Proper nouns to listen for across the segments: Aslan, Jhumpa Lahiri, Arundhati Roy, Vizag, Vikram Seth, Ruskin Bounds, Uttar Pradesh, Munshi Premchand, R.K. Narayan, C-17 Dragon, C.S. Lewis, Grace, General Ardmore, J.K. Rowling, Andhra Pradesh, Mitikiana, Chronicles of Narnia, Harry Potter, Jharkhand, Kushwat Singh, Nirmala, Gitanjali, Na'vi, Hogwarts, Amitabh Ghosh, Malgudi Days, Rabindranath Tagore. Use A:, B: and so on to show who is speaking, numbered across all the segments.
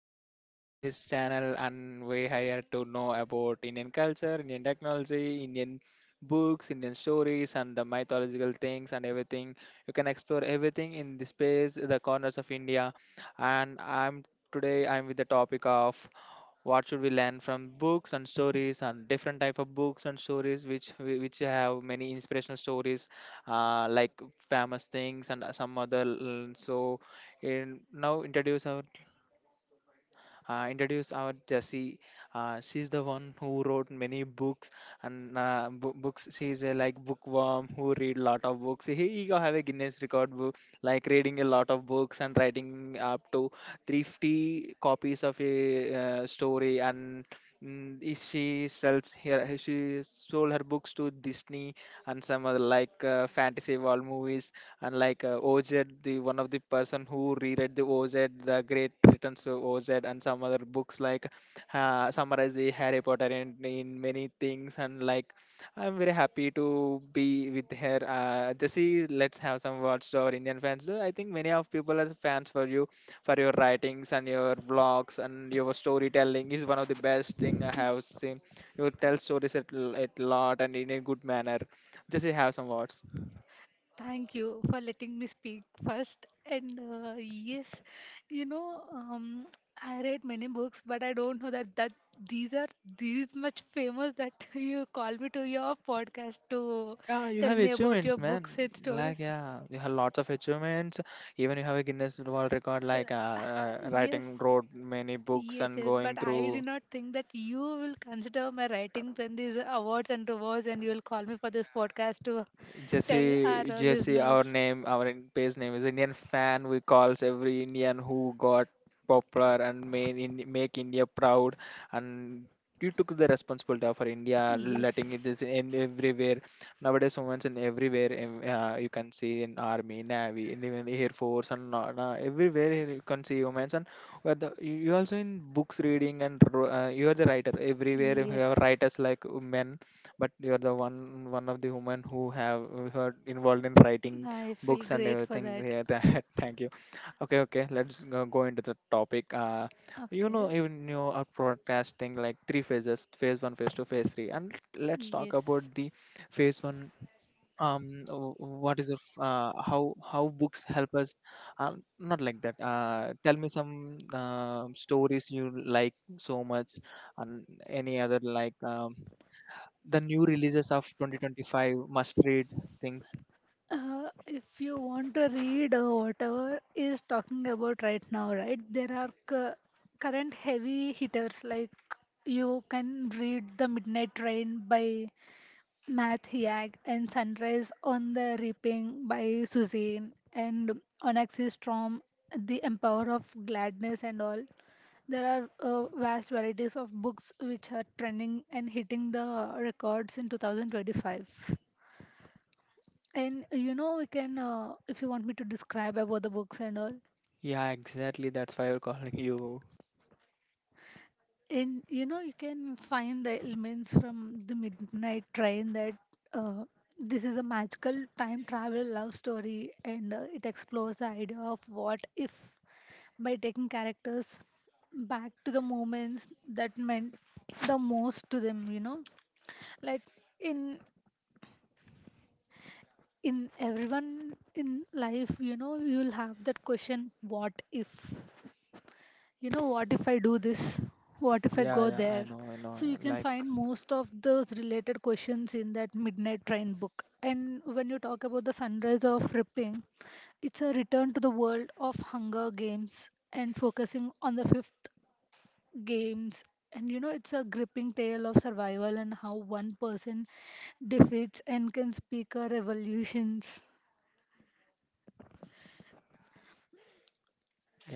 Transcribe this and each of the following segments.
A: our Indian based channel and we here to know about Indian culture, Indian technology, Indian books, Indian stories and the mythological things and everything. You can explore everything in the space, the corners of India and I'm today I'm with the topic of what should we learn from books and stories and different type of books and stories which have many inspirational stories, like famous things and some other so, and now introduce our Jessie. She's the one who wrote many books and books. She's a like bookworm who read lot of books. He go have a Guinness record book, like reading a lot of books and writing up to 350 copies of a story. And is she sells her she sold her books to Disney and some other like fantasy world movies and like Oz, the one of the person who reread the Oz the great returns to Oz and some other books, like summarize the Harry Potter in many things. And like, I'm very happy to be with her. Jesse, let's have some words to our Indian fans. I think many of people are fans for you, for your writings and your vlogs, and your storytelling is one of the best thing I have seen. You tell stories at lot and in a good manner. Jesse, have some words.
B: Thank you for letting me speak first. And yes, you know, um, I read many books, but I don't know that these are these much famous that you call me to your podcast to
A: Yeah, you
B: tell
A: have
B: me about your
A: achievements,
B: books
A: man.
B: and
A: Like,
B: stories.
A: yeah, you have lots of achievements. Even you have a Guinness World Record, like
B: Uh, yes,
A: wrote many books
B: Yes,
A: and
B: yes, but
A: going
B: I do
A: through.
B: not think that you will consider my writings and these awards and rewards, and you will call me for this podcast to tell our
A: Jesse, Jesse, our
B: listeners.
A: name, our in- page name is Indian fan. We calls every Indian who got popular and make India proud. And you took the responsibility of our India, letting it
B: Yes,
A: is in everywhere. Nowadays, women's in everywhere. You can see in army, navy, in even air force, and everywhere you can see women's. And where you also in books reading and you are the writer. Everywhere you
B: yes,
A: have writers like men, but you're the one of the women who are involved in writing
B: I feel
A: books and
B: great for
A: everything.
B: that.
A: Yeah, that, thank you. Okay, okay, let's go into the topic.
B: Okay,
A: Even you are broadcasting like three phases: phase one, phase two, phase three. And let's talk about
B: yes.
A: the phase one. W- what is the f- How books help us? Not like that. Tell me some stories you like so much, and any other like the new releases of 2025 must read things.
B: If you want to read whatever is talking about right now, right? There are current heavy hitters like you can read The Midnight Train by Matt Haig, and Sunrise on the Reaping by Suzanne, and Onyx's Storm, The Empower of Gladness and all. There are vast varieties of books which are trending and hitting the records in 2025. And you know, you can, if you want me to describe about the books and all,
A: Yeah, exactly, that's why we're calling you.
B: and you know, you can find the elements from the Midnight Train that uh, this is a magical time travel love story, and it explores the idea of what if, by taking characters back to the moments that meant the most to them. You know, like in in everyone in life, you know, you'll have that question, what if? You know, what if I do this, what if I go
A: Yeah, yeah, i
B: there?
A: know i know
B: So you can
A: Like,
B: find most of those related questions in that Midnight Train book. And when you talk about the Sunrise of Ripping, it's a return to the world of Hunger Games and focusing on the 5th games. And you know, it's a gripping tale of survival and how one person defeats and can speak our revolutions.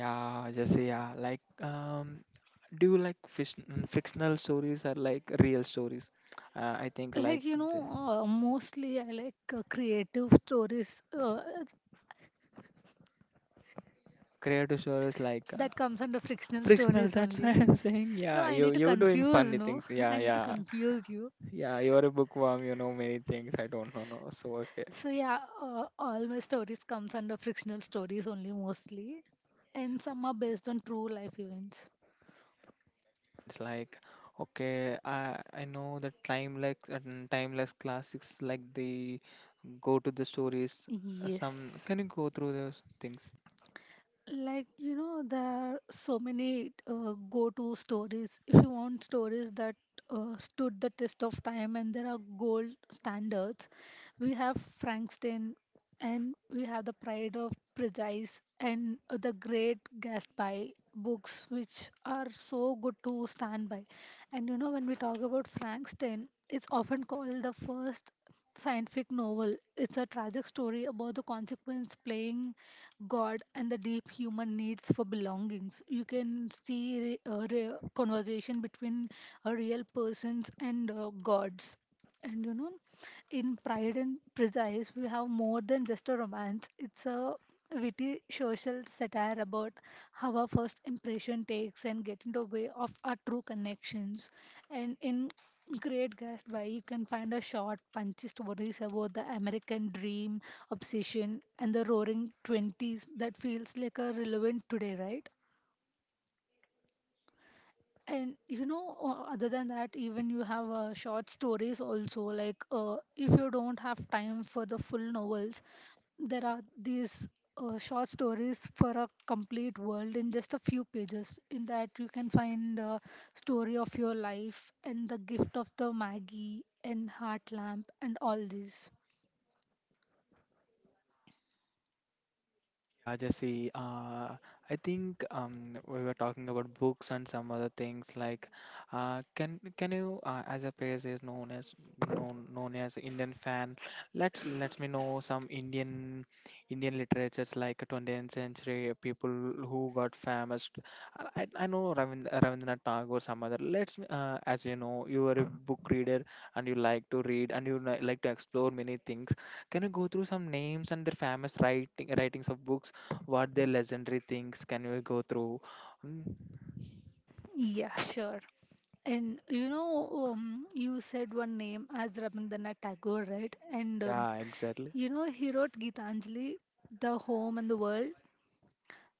A: yeah, Jesse, yeah, like do you like fictional stories or like real stories? I think like
B: Like you know,
A: the
B: mostly I like creative stories.
A: creative stories like
B: That comes under frictional
A: fictional.
B: stories
A: That's why
B: only.
A: I'm saying.
B: No,
A: Yeah,
B: I
A: you
B: need to
A: you're doing
B: confuse,
A: funny
B: no.
A: things.
B: I
A: Yeah,
B: need to
A: yeah,
B: confuse you.
A: yeah, you're a bookworm, you know many things I don't know. No. So okay,
B: So yeah, all my stories comes under frictional stories only mostly. And some are based on true life events.
A: events like, okay, I know that time like, and timeless classics like the go to the stories. Some,
B: Yes.
A: can you go through those things?
B: Like, you know, there are so many go-to stories. If you want stories that stood the test of time and there are gold standards, we have Frankenstein, and we have The Pride of Prejudice and The Great Gatsby books, which are so good to stand by. And, you know, when we talk about Frankenstein, it's often called the first scientific novel. It's a tragic story about the consequence playing God and the deep human needs for belongings. You can see a conversation between a real persons and gods. And you know, in Pride and Prejudice, we have more than just a romance. It's a witty social satire about how our first impression takes and get in the way of our true connections. And in Great Gatsby, you can find a short, punchy stories about the American dream obsession and the roaring 20s that feels like a relevant today, right? And you know, other than that, even you have short stories also. Like if you don't have time for the full novels, there are these short stories for a complete world in just a few pages. In that, you can find a story of your life and the gift of the Maggie and Heart Lamp and all these.
A: Yeah, Jesse. I think we were talking about books and some other things. Like, can you, as a phrase is known as known as Indian fan, let me know some Indian literatures like 20th century people who got famous. I know Rabindranath Tagore, some other. As you know, you are a book reader and you like to read and like to explore many things. Can you go through some names and their famous writings of books? What their legendary things? Can you go through? Mm,
B: Yeah, sure. And you know, you said one name as Rabindranath Tagore, right? And
A: yeah, exactly.
B: you know, he wrote Gitanjali, The Home and the World,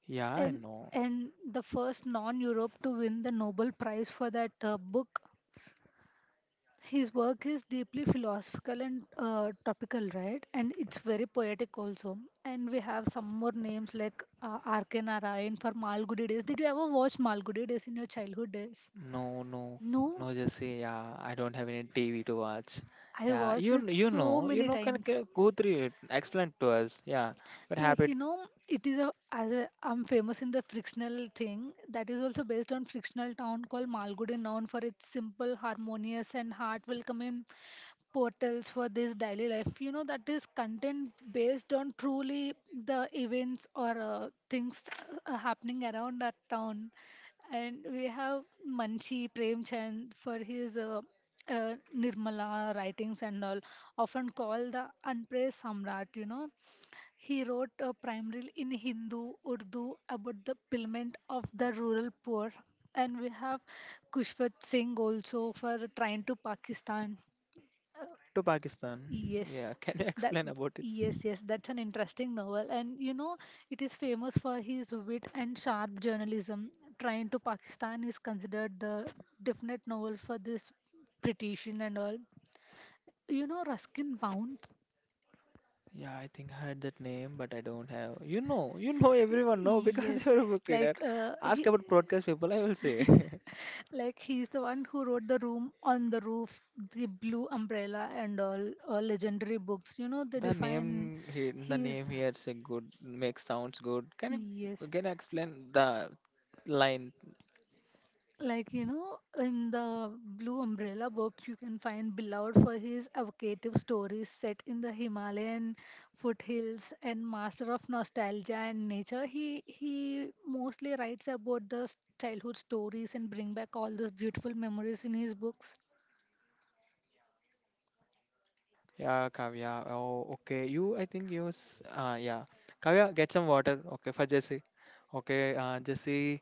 A: Yeah, I
B: and
A: know.
B: the first non-Europe to win the Nobel Prize for that book. His work is deeply philosophical and topical, right? And it's very poetic also. And we have some more names like R.K. Narayan for Malgudi Days. Did you ever watch Malgudi Days in your childhood days?
A: No, no,
B: No,
A: no, Jesse. Yeah, I don't have any TV to watch.
B: I
A: Yeah,
B: watched
A: you
B: it
A: kn- you
B: so
A: know, you
B: many
A: know. Can,
B: times.
A: can go through it. Explain to us. Yeah, what
B: Like you
A: happened?
B: know, it is a, as a I'm famous in the frictional thing, that is also based on frictional town called Malgudi, known for its simple, harmonious and heart welcoming portals for this daily life. You know, that is content based on truly the events or things happening around that town. And we have Manchi Premchand for his Nirmala writings and all, often called the unpraised Samrat, you know. He wrote a primarily in Hindu Urdu about the plight of the rural poor. And we have Kushwat Singh also for Trying to Pakistan. Uh,
A: Trying to Pakistan. Yeah,
B: yes,
A: can you
B: that
A: explain about it?
B: yes, that's an interesting novel. And you know, it is famous for his wit and sharp journalism. Trying to Pakistan is considered the definite novel for this petition and all. You know, Ruskin Bounds.
A: Yeah, I think I heard that name, but I don't have. You know everyone know, because
B: Yes,
A: you're a book reader.
B: like
A: Ask
B: he,
A: about broadcast people, I will say.
B: like he's the one who wrote The Room on the Roof, The Blue Umbrella, and all legendary books. You know, they define
A: The
B: his,
A: name here is a good makes sounds good. Can you
B: yes.
A: can you explain the line?
B: Like you know, in The Blue Umbrella book, you can find beloved for his evocative stories set in the Himalayan foothills, and master of nostalgia and nature. He mostly writes about the childhood stories and bring back all those beautiful memories in his books.
A: Yeah, Kavya. Oh, okay. You, I think you. Yeah, Kavya, get some water. Okay, for Jesse. Okay, Jesse.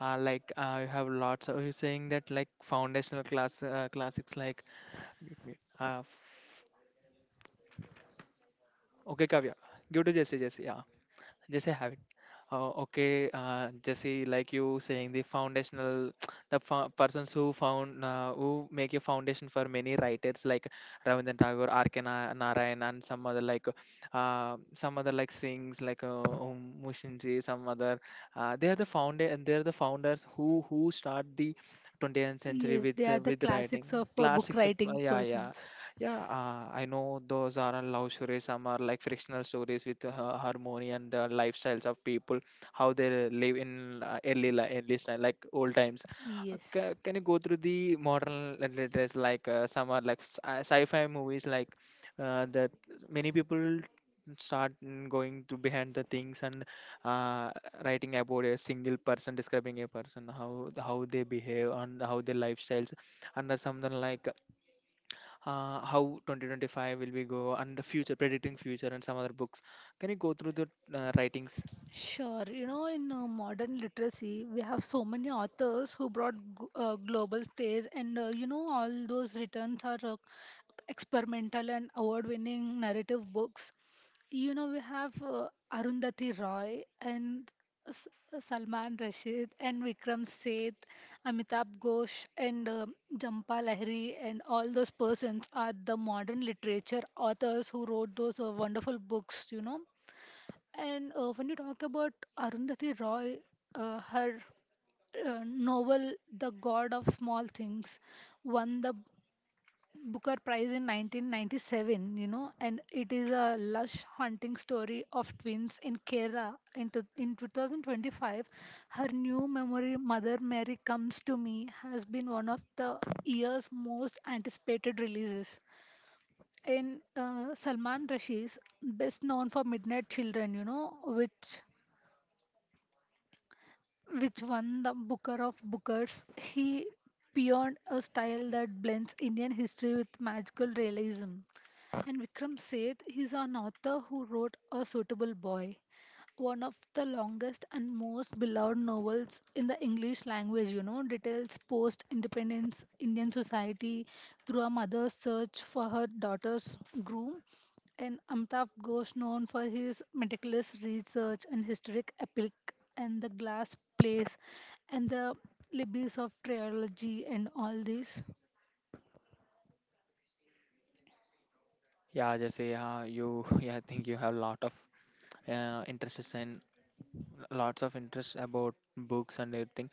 A: Like, you have lots. Of, you're saying that like foundational classics like. Mute. Okay, Kavya, give to Jesse. Jesse. Yeah. Jesse, have it. Okay, Jesse, like you saying the persons who found who make a foundation for many writers like Rabindranath Tagore, R.K. Narayan, and some other like sings like Mushinji, some other. They are they are the founders who start the 20th century
B: Yes,
A: with
B: they are
A: uh,
B: the
A: with writing
B: classics of book
A: classics of.
B: writing
A: Yeah, yeah,
B: persons.
A: yeah, I know those are all love stories. Some are like frictional stories with harmony and the lifestyles of people, how they live in early time, like old times.
B: Yes,
A: Can you go through the modern letters like some are like sci-fi movies, like that many people start going to behind the things, and uh, writing about a single person, describing a person, how they behave and how their lifestyles, and something like, how 2025 will we go, and the future, predicting future, and some other books. Can you go through the writings?
B: sure. You know, in modern literacy, we have so many authors who brought global stage, and you know, all those returns are experimental and award winning narrative books. You know, we have Arundhati Roy, and S- Salman Rashid, and Vikram Seth, Amitabh Ghosh, and um, Jampa Lahiri, and all those persons are the modern literature authors who wrote those wonderful books, you know. And when you talk about Arundhati Roy, her novel The God of Small Things won the Booker Prize in 1997, you know, and it is a lush hunting story of twins in Kerala. In 2025, her new memory, Mother Mary Comes to Me, has been one of the year's most anticipated releases. In Salman Rushdie's best known for Midnight Children, you know, which won the Booker of Bookers. He pioneered a style that blends Indian history with magical realism. And Vikram Seth is an author who wrote A Suitable Boy, one of the longest and most beloved novels in the English language, you know, details post independence Indian society through a mother's search for her daughter's groom. And Amtav Ghosh, known for his meticulous research and historic epic, and the glass place, and the libbies of trilogy, and all this.
A: Yeah, just say, you, yeah, I think you have a lot of interests, and lots of interest about books and everything.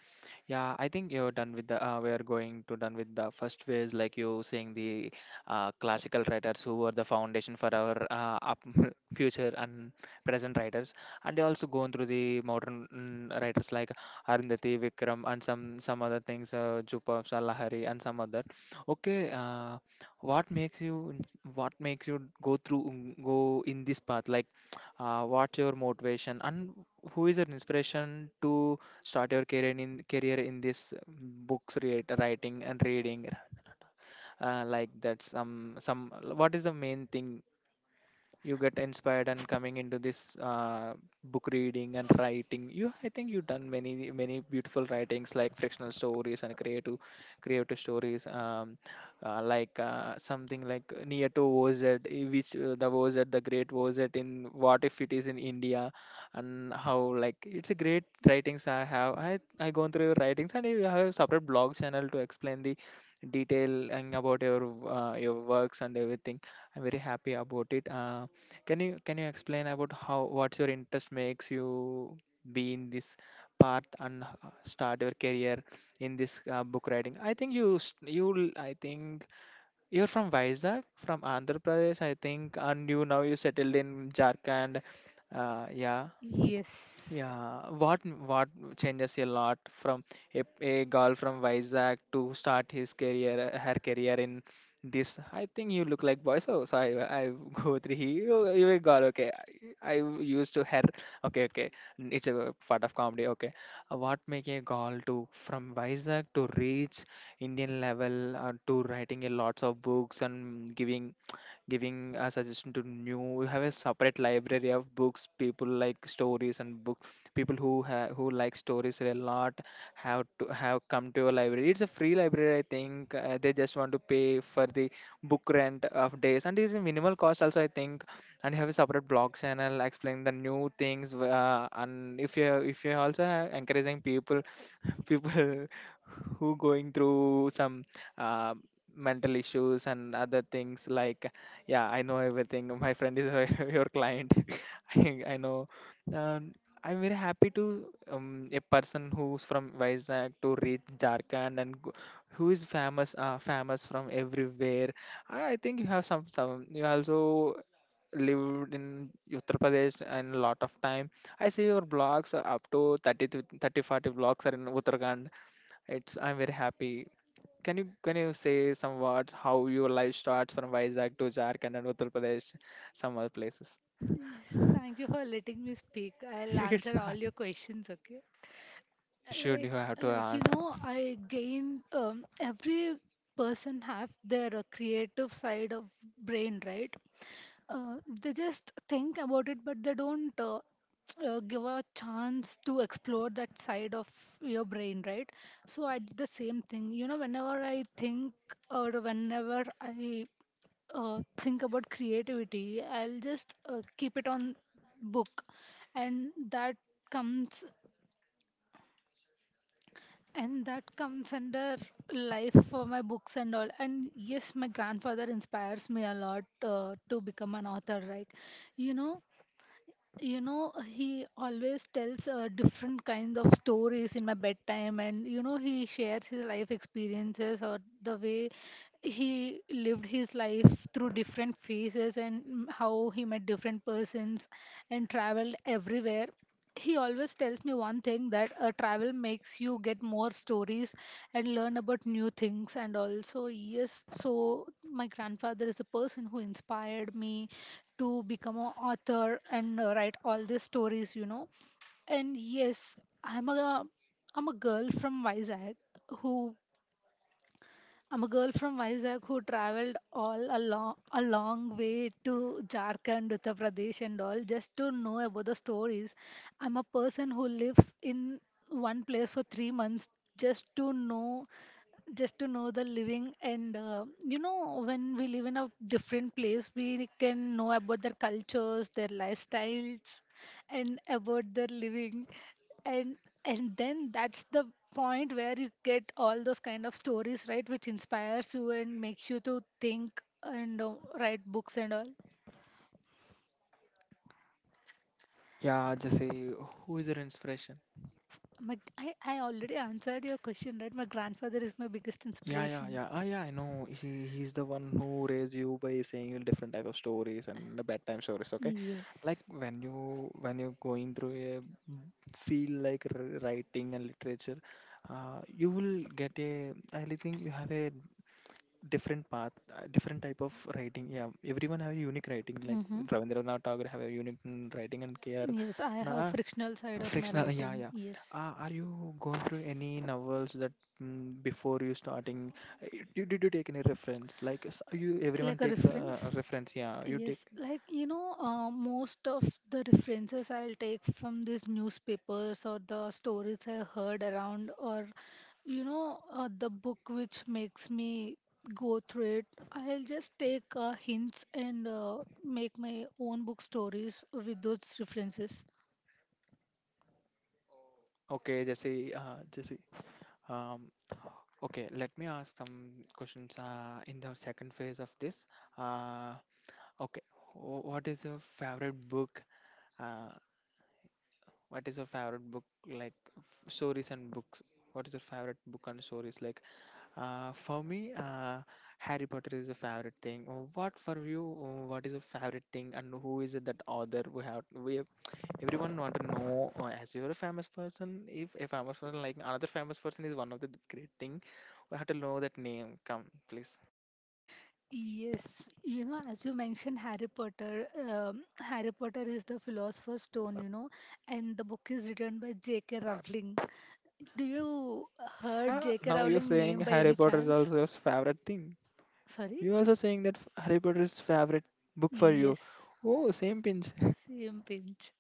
A: Yeah, I think you're done with the. We are going to done with the first phase, like you saying the classical writers who are the foundation for our up future and present writers, and they also going through the modern writers like Arundhati, Vikram, and some other things, Jupab, Salahari, and some other. Okay, what makes you what makes you go through, go in this path? Like, what's your motivation and who is your inspiration to? Start your career in this, books writing and reading, like that, some what is the main thing you get inspired and coming into this book reading and writing. You I think you've done many beautiful writings like frictional stories and creative stories. Like, something like near to Oz, which, the Oz, the great Oz in, what if it is in India, and how, like, it's a great writings. I have i i gone through your writings, and you have a separate blog channel to explain the detail and about your works and everything. I'm very happy about it. Can you explain about how what's your interest makes you be in this path and start your career in this book writing? I think you're from Vizag, from Andhra Pradesh, I think, and you now you settled in Jharkhand. Yeah.
B: Yes.
A: Yeah, what changes a lot from a girl from Vizag to start her career in this. I think you look like boy, so I go through he, you a girl. Okay, I used to her. Okay, okay, it's a part of comedy. Okay, what make a girl to from Vizag to reach Indian level, to writing a lots of books and giving a suggestion to new. You have a separate library of books. People like stories, and book people who like stories a lot have to have come to your library. It's a free library, I think. They just want to pay for the book rent of days, and it's a minimal cost also, I think. And you have a separate blog channel explaining the new things. And if you also have encouraging people, people who going through some uh, mental issues and other things, like, yeah, I know everything. My friend is your client. I know. um, I'm very happy to. A person who's from Vizag to reach Jharkhand and who is famous from everywhere. I think you have some you also lived in Uttar Pradesh and a lot of time. I see your blogs, up to 30 to 30 40 blogs are in Uttarakhand. It's I'm very happy. Can you say some words how your life starts from Vizag to Jharkhand and Uttar Pradesh, some other places?
B: Yes, thank you for letting me speak. I'll
A: It's
B: answer all
A: not.
B: your questions, okay?
A: You should. You
B: like
A: have to
B: like you
A: ask.
B: know, I gained every person have their creative side of brain, right? uh, they just think about it, but they don't give a chance to explore that side of your brain, right? So I did the same thing. You know, whenever I think or whenever I think about creativity, I'll just keep it on book. and that comes And that comes under life for my books and all. And yes, my grandfather inspires me a lot to become an author, right? You know, you know, he always tells different kinds of stories in my bedtime. And you know, he shares his life experiences, or the way he lived his life through different phases, and how he met different persons and traveled everywhere. He always tells me one thing, that travel makes you get more stories and learn about new things. And also yes, so my grandfather is the person who inspired me to become an author and write all these stories, you know. And yes, I'm a I'm a girl from Vizag who, I'm a girl from Vizag who traveled all along a long way to Jharkhand, Uttar Pradesh, and all, just to know about the stories. I'm a person who lives in one place for 3 months, just to know, just to know the living, and you know, when we live in a different place, we can know about their cultures, their lifestyles, and about their living. And and then that's the point where you get all those kind of stories, right, which inspires you and makes you to think and write books and all.
A: Yeah, just say, who is your inspiration?
B: I already answered your question, right? My grandfather is my biggest
A: Yeah, yeah,
B: inspiration.
A: yeah. Ah, yeah, I know. He's the one who raised you by saying different type of stories and the bedtime stories. Okay, like
B: Yes.
A: when you're going through a feel like writing and literature, you will get a. I really think you have a different path, different type of writing. Yeah, everyone have a unique writing. Like
B: Mm-hmm.
A: Rabindranath Tagore have a unique writing, and K.R.
B: Yes, I have a
A: Nah,
B: frictional side of my
A: frictional. Yeah,
B: writing.
A: yeah.
B: Yes.
A: Are you going through any novels that before you starting? Did you take any reference? Like you, everyone
B: Like a
A: takes a
B: reference.
A: reference. Yeah, you take.
B: Yes, like you know, most of the references I'll take from these newspapers, or the stories I heard around, or you know, the book which makes me go through it. I'll just take hints and make my own book stories with those references.
A: Okay, Jesse. Jesse. Um. Okay, let me ask some questions. In the second phase of this. Uh. Okay. What is your favorite book? uh, What is your favorite book like stories and books? What is your favorite book and stories like? For me, Harry Potter is a favorite thing. What for you? Uh, what is your favorite thing and who is it that author? Everyone want to know as you're a famous person. If a famous person like another famous person is one of the great thing, we have to know that name. Come, please.
B: Yes, you know, as you mentioned, Harry Potter. Harry Potter is the philosopher's stone, you know, and the book is written by J.K. Rowling. Do you heard
A: Yeah,
B: J.K.
A: now you're
B: Rowling
A: saying
B: name by
A: Harry
B: any
A: Potter is
B: chance?
A: also your favorite thing.
B: Sorry?
A: You also saying that Harry Potter is favorite book for you.
B: Yes,
A: Oh, same pinch.
B: same pinch.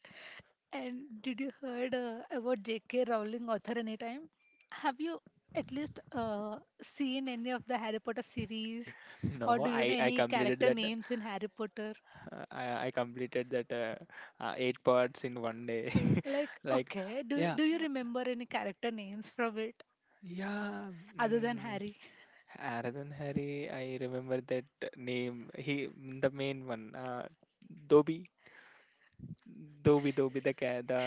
B: And did you heard about J.K. Rowling author anytime? Have you at least seen any of the Harry Potter series, or
A: No,
B: do you know
A: I
B: any
A: completed
B: character
A: that.
B: names in Harry Potter?
A: I completed that eight parts in one day.
B: Like,
A: Like,
B: okay, do
A: yeah,
B: do you remember any character names from it
A: yeah.
B: other than
A: Mm,
B: Harry?
A: Aradan Hari, I remember that name. He the main one. Dobi, Dobi, Dobi the cat. The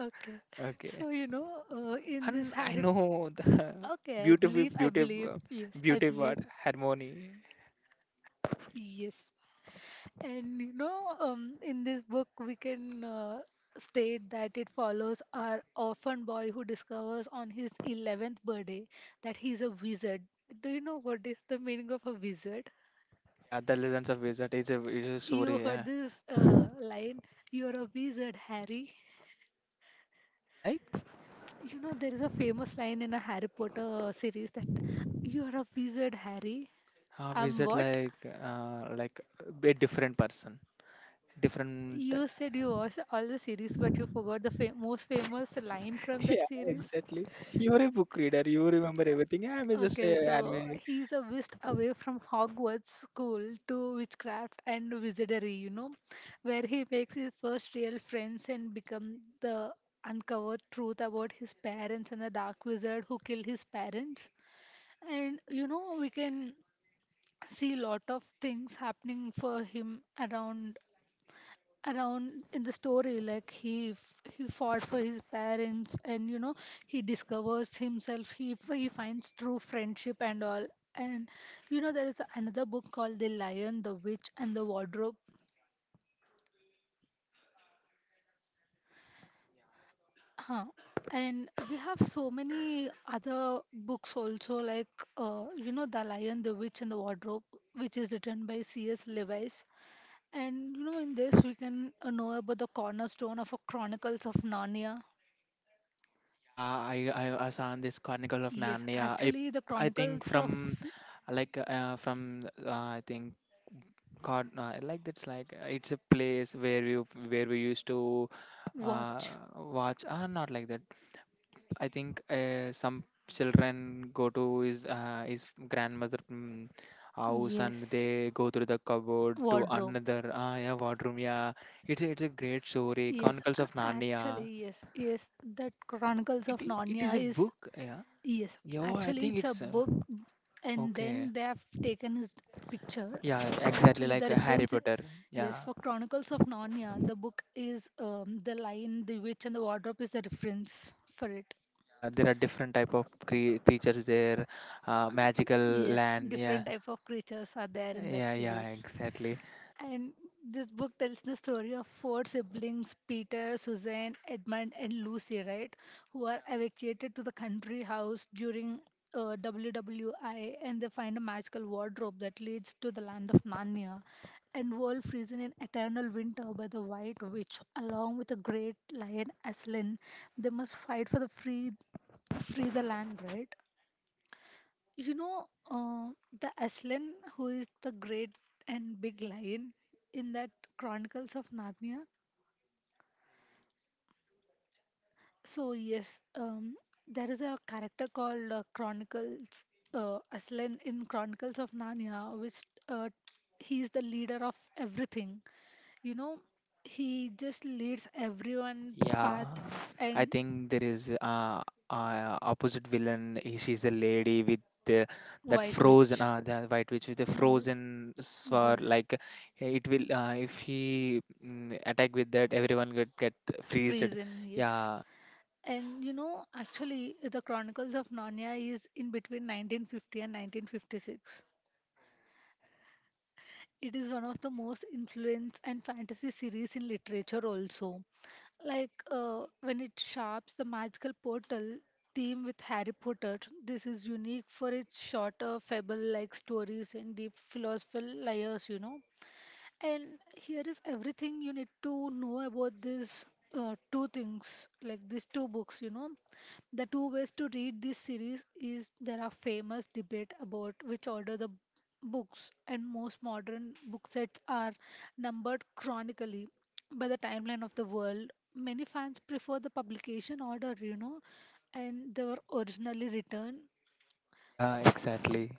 B: Okay,
A: okay.
B: so you know, in this
A: And I
B: Harry,
A: know the
B: okay, I
A: beautiful,
B: believe,
A: beautiful,
B: I
A: beautiful
B: believe.
A: word harmony.
B: Yes, and you know, in this book, we can state that it follows our orphan boy who discovers on his 11th birthday that he's a wizard. Do you know what is the meaning of a wizard?
A: Yeah, the Legends of Wizard is a
B: You
A: story.
B: heard
A: Yeah.
B: this line, you're a wizard, Harry.
A: Like
B: You know, there is a famous line in a Harry Potter series that you're a wizard, Harry. I'm
A: visit
B: what?
A: like a different person different.
B: You said you watched all the series, but you forgot the most famous line from that
A: Yeah,
B: series.
A: exactly. You're a book reader. You remember everything. I'm just
B: Okay,
A: a
B: so
A: anime.
B: he's a whisked away from Hogwarts school to witchcraft and wizardry, you know, where he makes his first real friends and become the uncovered truth about his parents and the dark wizard who killed his parents. And you know, we can see lot of things happening for him around in the story like he fought for his parents, and you know he discovers himself, he finds true friendship and all. And you know there is another book called The Lion, the Witch, and the Wardrobe, huh, and we have so many other books also, like you know, The Lion, the Witch, and the Wardrobe, which is written by CS Lewis. And you know, in this we can know about the cornerstone of a Chronicles of Narnia.
A: Yeah, I saw this chronicle of
B: Yes,
A: Narnia. i
B: actually, the
A: i think
B: Chronicles
A: from
B: of
A: like from I think god Like that's like it's a place where you where we used to uh,
B: Watch.
A: watch, not like that. I think some children go to his grandmother house and
B: Yes,
A: they go through the cupboard to
B: wardrobe.
A: another, ah yeah, wardrobe, yeah. It's a, it's a great story,
B: Yes,
A: Chronicles of Narnia.
B: actually, yes, yes. That Chronicles of
A: It
B: Narnia
A: is a
B: is
A: book, yeah.
B: yes.
A: Yeah, I
B: Actually,
A: think
B: it's a
A: it's
B: book, and
A: okay.
B: then they have taken his picture.
A: Yeah, exactly,
B: Actually,
A: like
B: the
A: Harry
B: reference.
A: Potter,
B: Yes,
A: yeah.
B: for Chronicles of Narnia, the book is The Lion, the Witch, and the Wardrobe is the reference for it.
A: Yeah, there are different type of creatures there, magical
B: Yes,
A: land, yeah.
B: different type of creatures are there in that
A: Yeah, yeah,
B: series.
A: exactly.
B: And this book tells the story of four siblings Peter, Suzanne, Edmund, and Lucy, right? Who are evacuated to the country house during WWI, and they find a magical wardrobe that leads to the land of Narnia and world freezing in eternal winter by the White Witch, along with the great lion Aslan. They must fight for the free, free the land, right? You know, the Aslan, who is the great and big lion in that Chronicles of Narnia. So yes, there is a character called Chronicles Aslan in Chronicles of Narnia, which he is the leader of everything. You know, he just leads everyone
A: Yeah,
B: path
A: I
B: and
A: think there is opposite villain. He, she's a lady with the, that
B: White
A: frozen,
B: Witch.
A: uh, the white witch with the
B: Yes,
A: frozen sword.
B: yes,
A: Like it will, if he attack with that, everyone get freezed.
B: prison. Yes.
A: Yeah,
B: And you know, actually, the Chronicles of Narnia is in between 1950 and 1956. It is one of the most influence and fantasy series in literature also. Like when it sharps the magical portal theme with Harry Potter, this is unique for its shorter fable-like stories and deep philosophical layers, you know. And here is everything you need to know about these two things, like these two books, you know. The two ways to read this series is there are famous debate about which order the books and most modern book sets are numbered chronically by the timeline of the world. Many fans prefer the publication order, you know, and they were originally written,
A: yeah, exactly.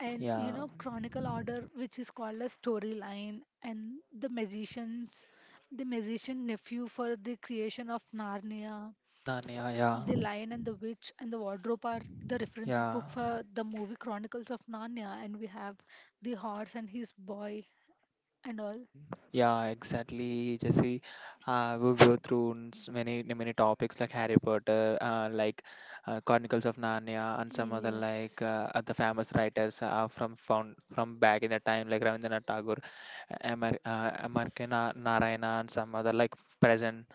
B: and you
A: Yeah,
B: know chronicle order, which is called a storyline, and the magicians the magician nephew for the creation of Narnia.
A: Narnia. Yeah,
B: The Lion and the Witch and the Wardrobe are the reference
A: yeah.
B: book for the movie Chronicles of Narnia, and we have The Horse and His Boy and all.
A: Yeah, exactly, Jesse. We go through many topics like Harry Potter, like Chronicles of Narnia, and some other like
B: Yes.
A: other famous writers from found from back in the time, like Rabindranath Tagore, Amar M.R.K. Narayana, and some other like present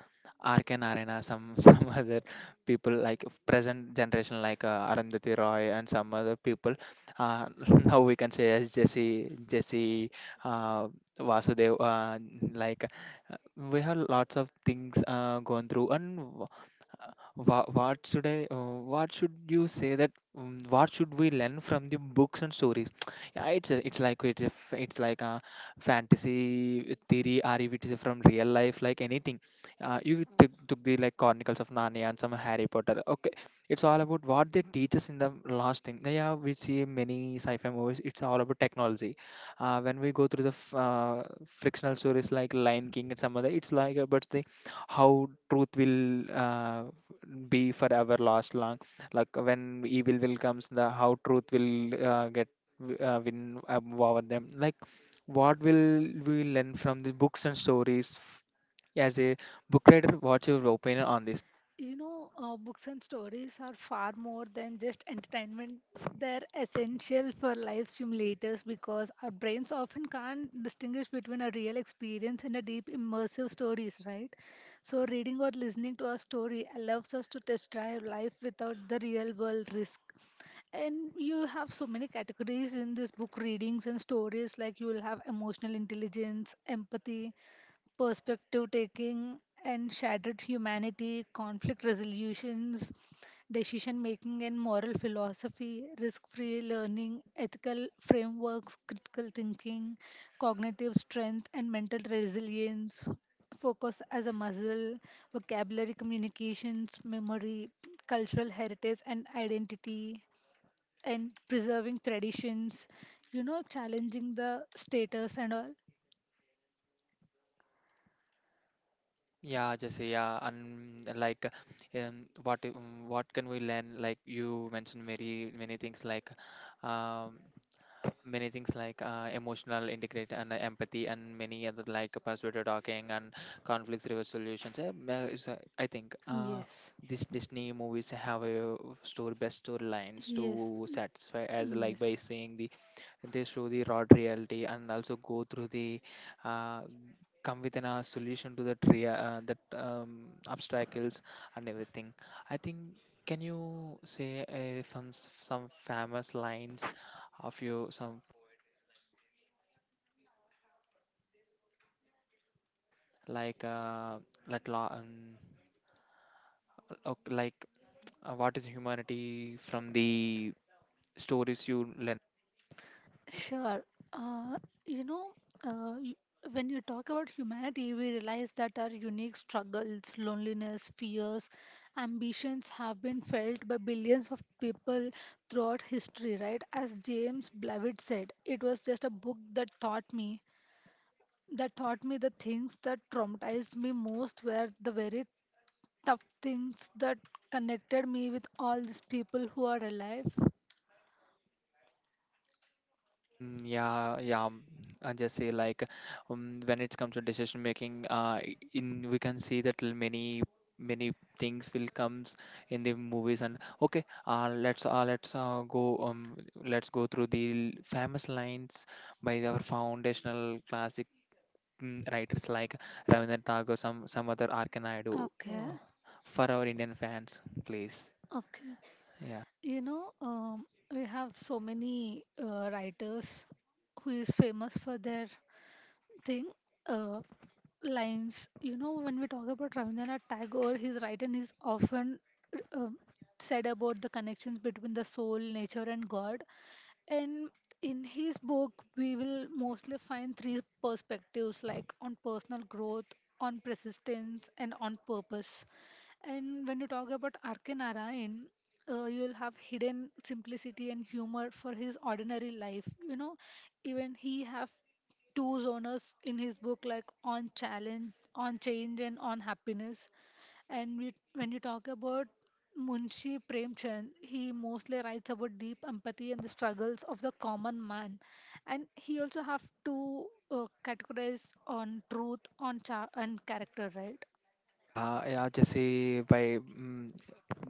A: R.K. Narayana, some some other people like of present generation like Arundhati Roy and some other people. Uh, now we can say as Jesse. Uh, Vasudev, like we have lots of things gone through, and what should I? What should you say that? What should we learn from the books and stories? Yeah, it's a, it's like it's like a fantasy theory, or if it is from real life, like anything. Took the like Chronicles of Narnia and some Harry Potter. Okay, it's all about what they teach us in the last thing. Yeah, we see many sci-fi movies. It's all about technology. When we go through the frictional stories like Lion King and some other, it's like about the how truth will. Be forever lost long, like when evil will comes, the how truth will get win over them. Like what will we learn from the books and stories as a book writer, what's your opinion on this?
B: You know, books and stories are far more than just entertainment. They're essential for life simulators because our brains often can't distinguish between a real experience and a deep, immersive stories, right? So, reading or listening to a story allows us to test drive life without the real world risk. And you have so many categories in this book readings and stories, like you will have emotional intelligence, empathy, perspective taking and shattered humanity, conflict resolutions, decision making and moral philosophy, risk free learning, ethical frameworks, critical thinking, cognitive strength, and mental resilience, focus as a muscle, vocabulary communications, memory, cultural heritage, and identity, and preserving traditions, you know, challenging the status and all.
A: Yeah, Jesse, yeah, and like, um, what i- um, what can we learn? Like you mentioned, many things like, um, many things like emotional integrate and empathy and many other like persuasive talking and conflict resolutions, I think
B: Yes,
A: this Disney movies have a story, best storylines
B: yes.
A: to satisfy as, like by
B: Yes,
A: saying, the they show the raw reality and also go through the, uh, come with an solution to that that obstacles and everything. I think, can you say some famous lines of your some like let la like what is humanity from the stories you learn.
B: sure. Uh, you know, uh, y- when you talk about humanity, we realize that our unique struggles, loneliness, fears, ambitions have been felt by billions of people throughout history, right? As James Blavitt said, it was just a book that taught me the things that traumatized me most were the very tough things that connected me with all these people who are alive.
A: Mm, yeah, yeah. Um, I just say like, when it comes to decision making, in we can see that many things will comes in the movies. And okay, let's go through the famous lines by our foundational class writers like Ravindranath Tagore, some other R. K. Naidu,
B: Okay,
A: for our Indian fans, please.
B: okay.
A: Yeah.
B: You know, we have so many writers who is famous for their thing uh, lines. You know, when we talk about Rabindranath Tagore, his writing is often uh, said about the connections between the soul, nature, and God. And in his book, we will mostly find three perspectives like on personal growth, on persistence, and on purpose. And when you talk about R.K. Narayan, you will have hidden simplicity and humor for his ordinary life. You know, even he have two zoners in his book like on challenge on change and on happiness. And we, when you talk about Munshi Premchand, he mostly writes about deep empathy and the struggles of the common man, and he also have to categorize on truth on and character, right?
A: Yeah, yeah, Jesse, by mm,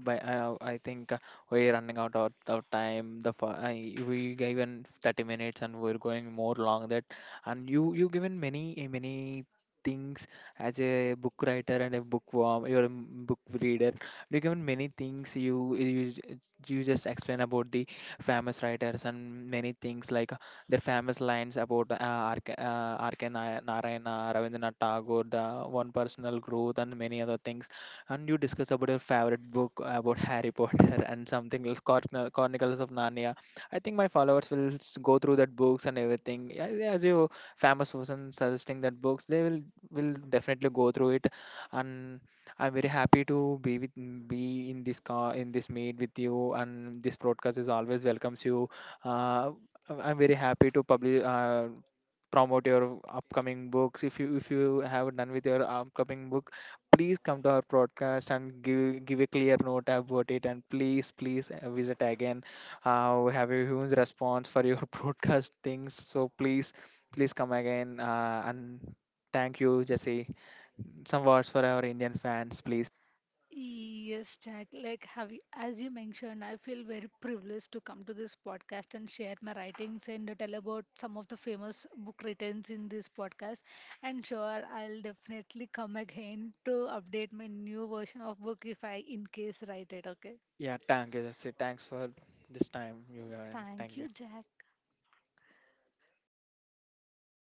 A: by I think we're running out of time. The we given 30 minutes and we're going more long that. And you given many things as a book writer and a bookworm, you're a book reader. You given many things, you just explain about the famous writers and many things like their famous lines about R.K. Narayana, Ravindranath Tagore, the one personal growth, and many other things. And you discuss about your favorite book about Harry Potter and something else, Chronicles of Narnia. I think my followers will go through that books and everything. Yeah, yeah, as you famous person suggesting that books, they will definitely go through it. And I'm very happy to be with, be in this car in this meet with you. And this broadcast is always welcomes you. Uh, I'm very happy to publish, promote your upcoming books. If you have done with your upcoming book, please come to our podcast and give a clear note about it. And please visit again. We have a huge response for your podcast things. So please come again. And thank you, Jesse. Some words for our Indian fans, please.
B: Yes, Jack. Like, have you, as you mentioned, I feel very privileged to come to this podcast and share my writings and tell about some of the famous book writings in this podcast. And sure, I'll definitely come again to update my new version of book if I in case write it. Okay.
A: Yeah, thank you, Jesse. Thanks for this time you are in.
B: Thank
A: Thank you.
B: you, Jack.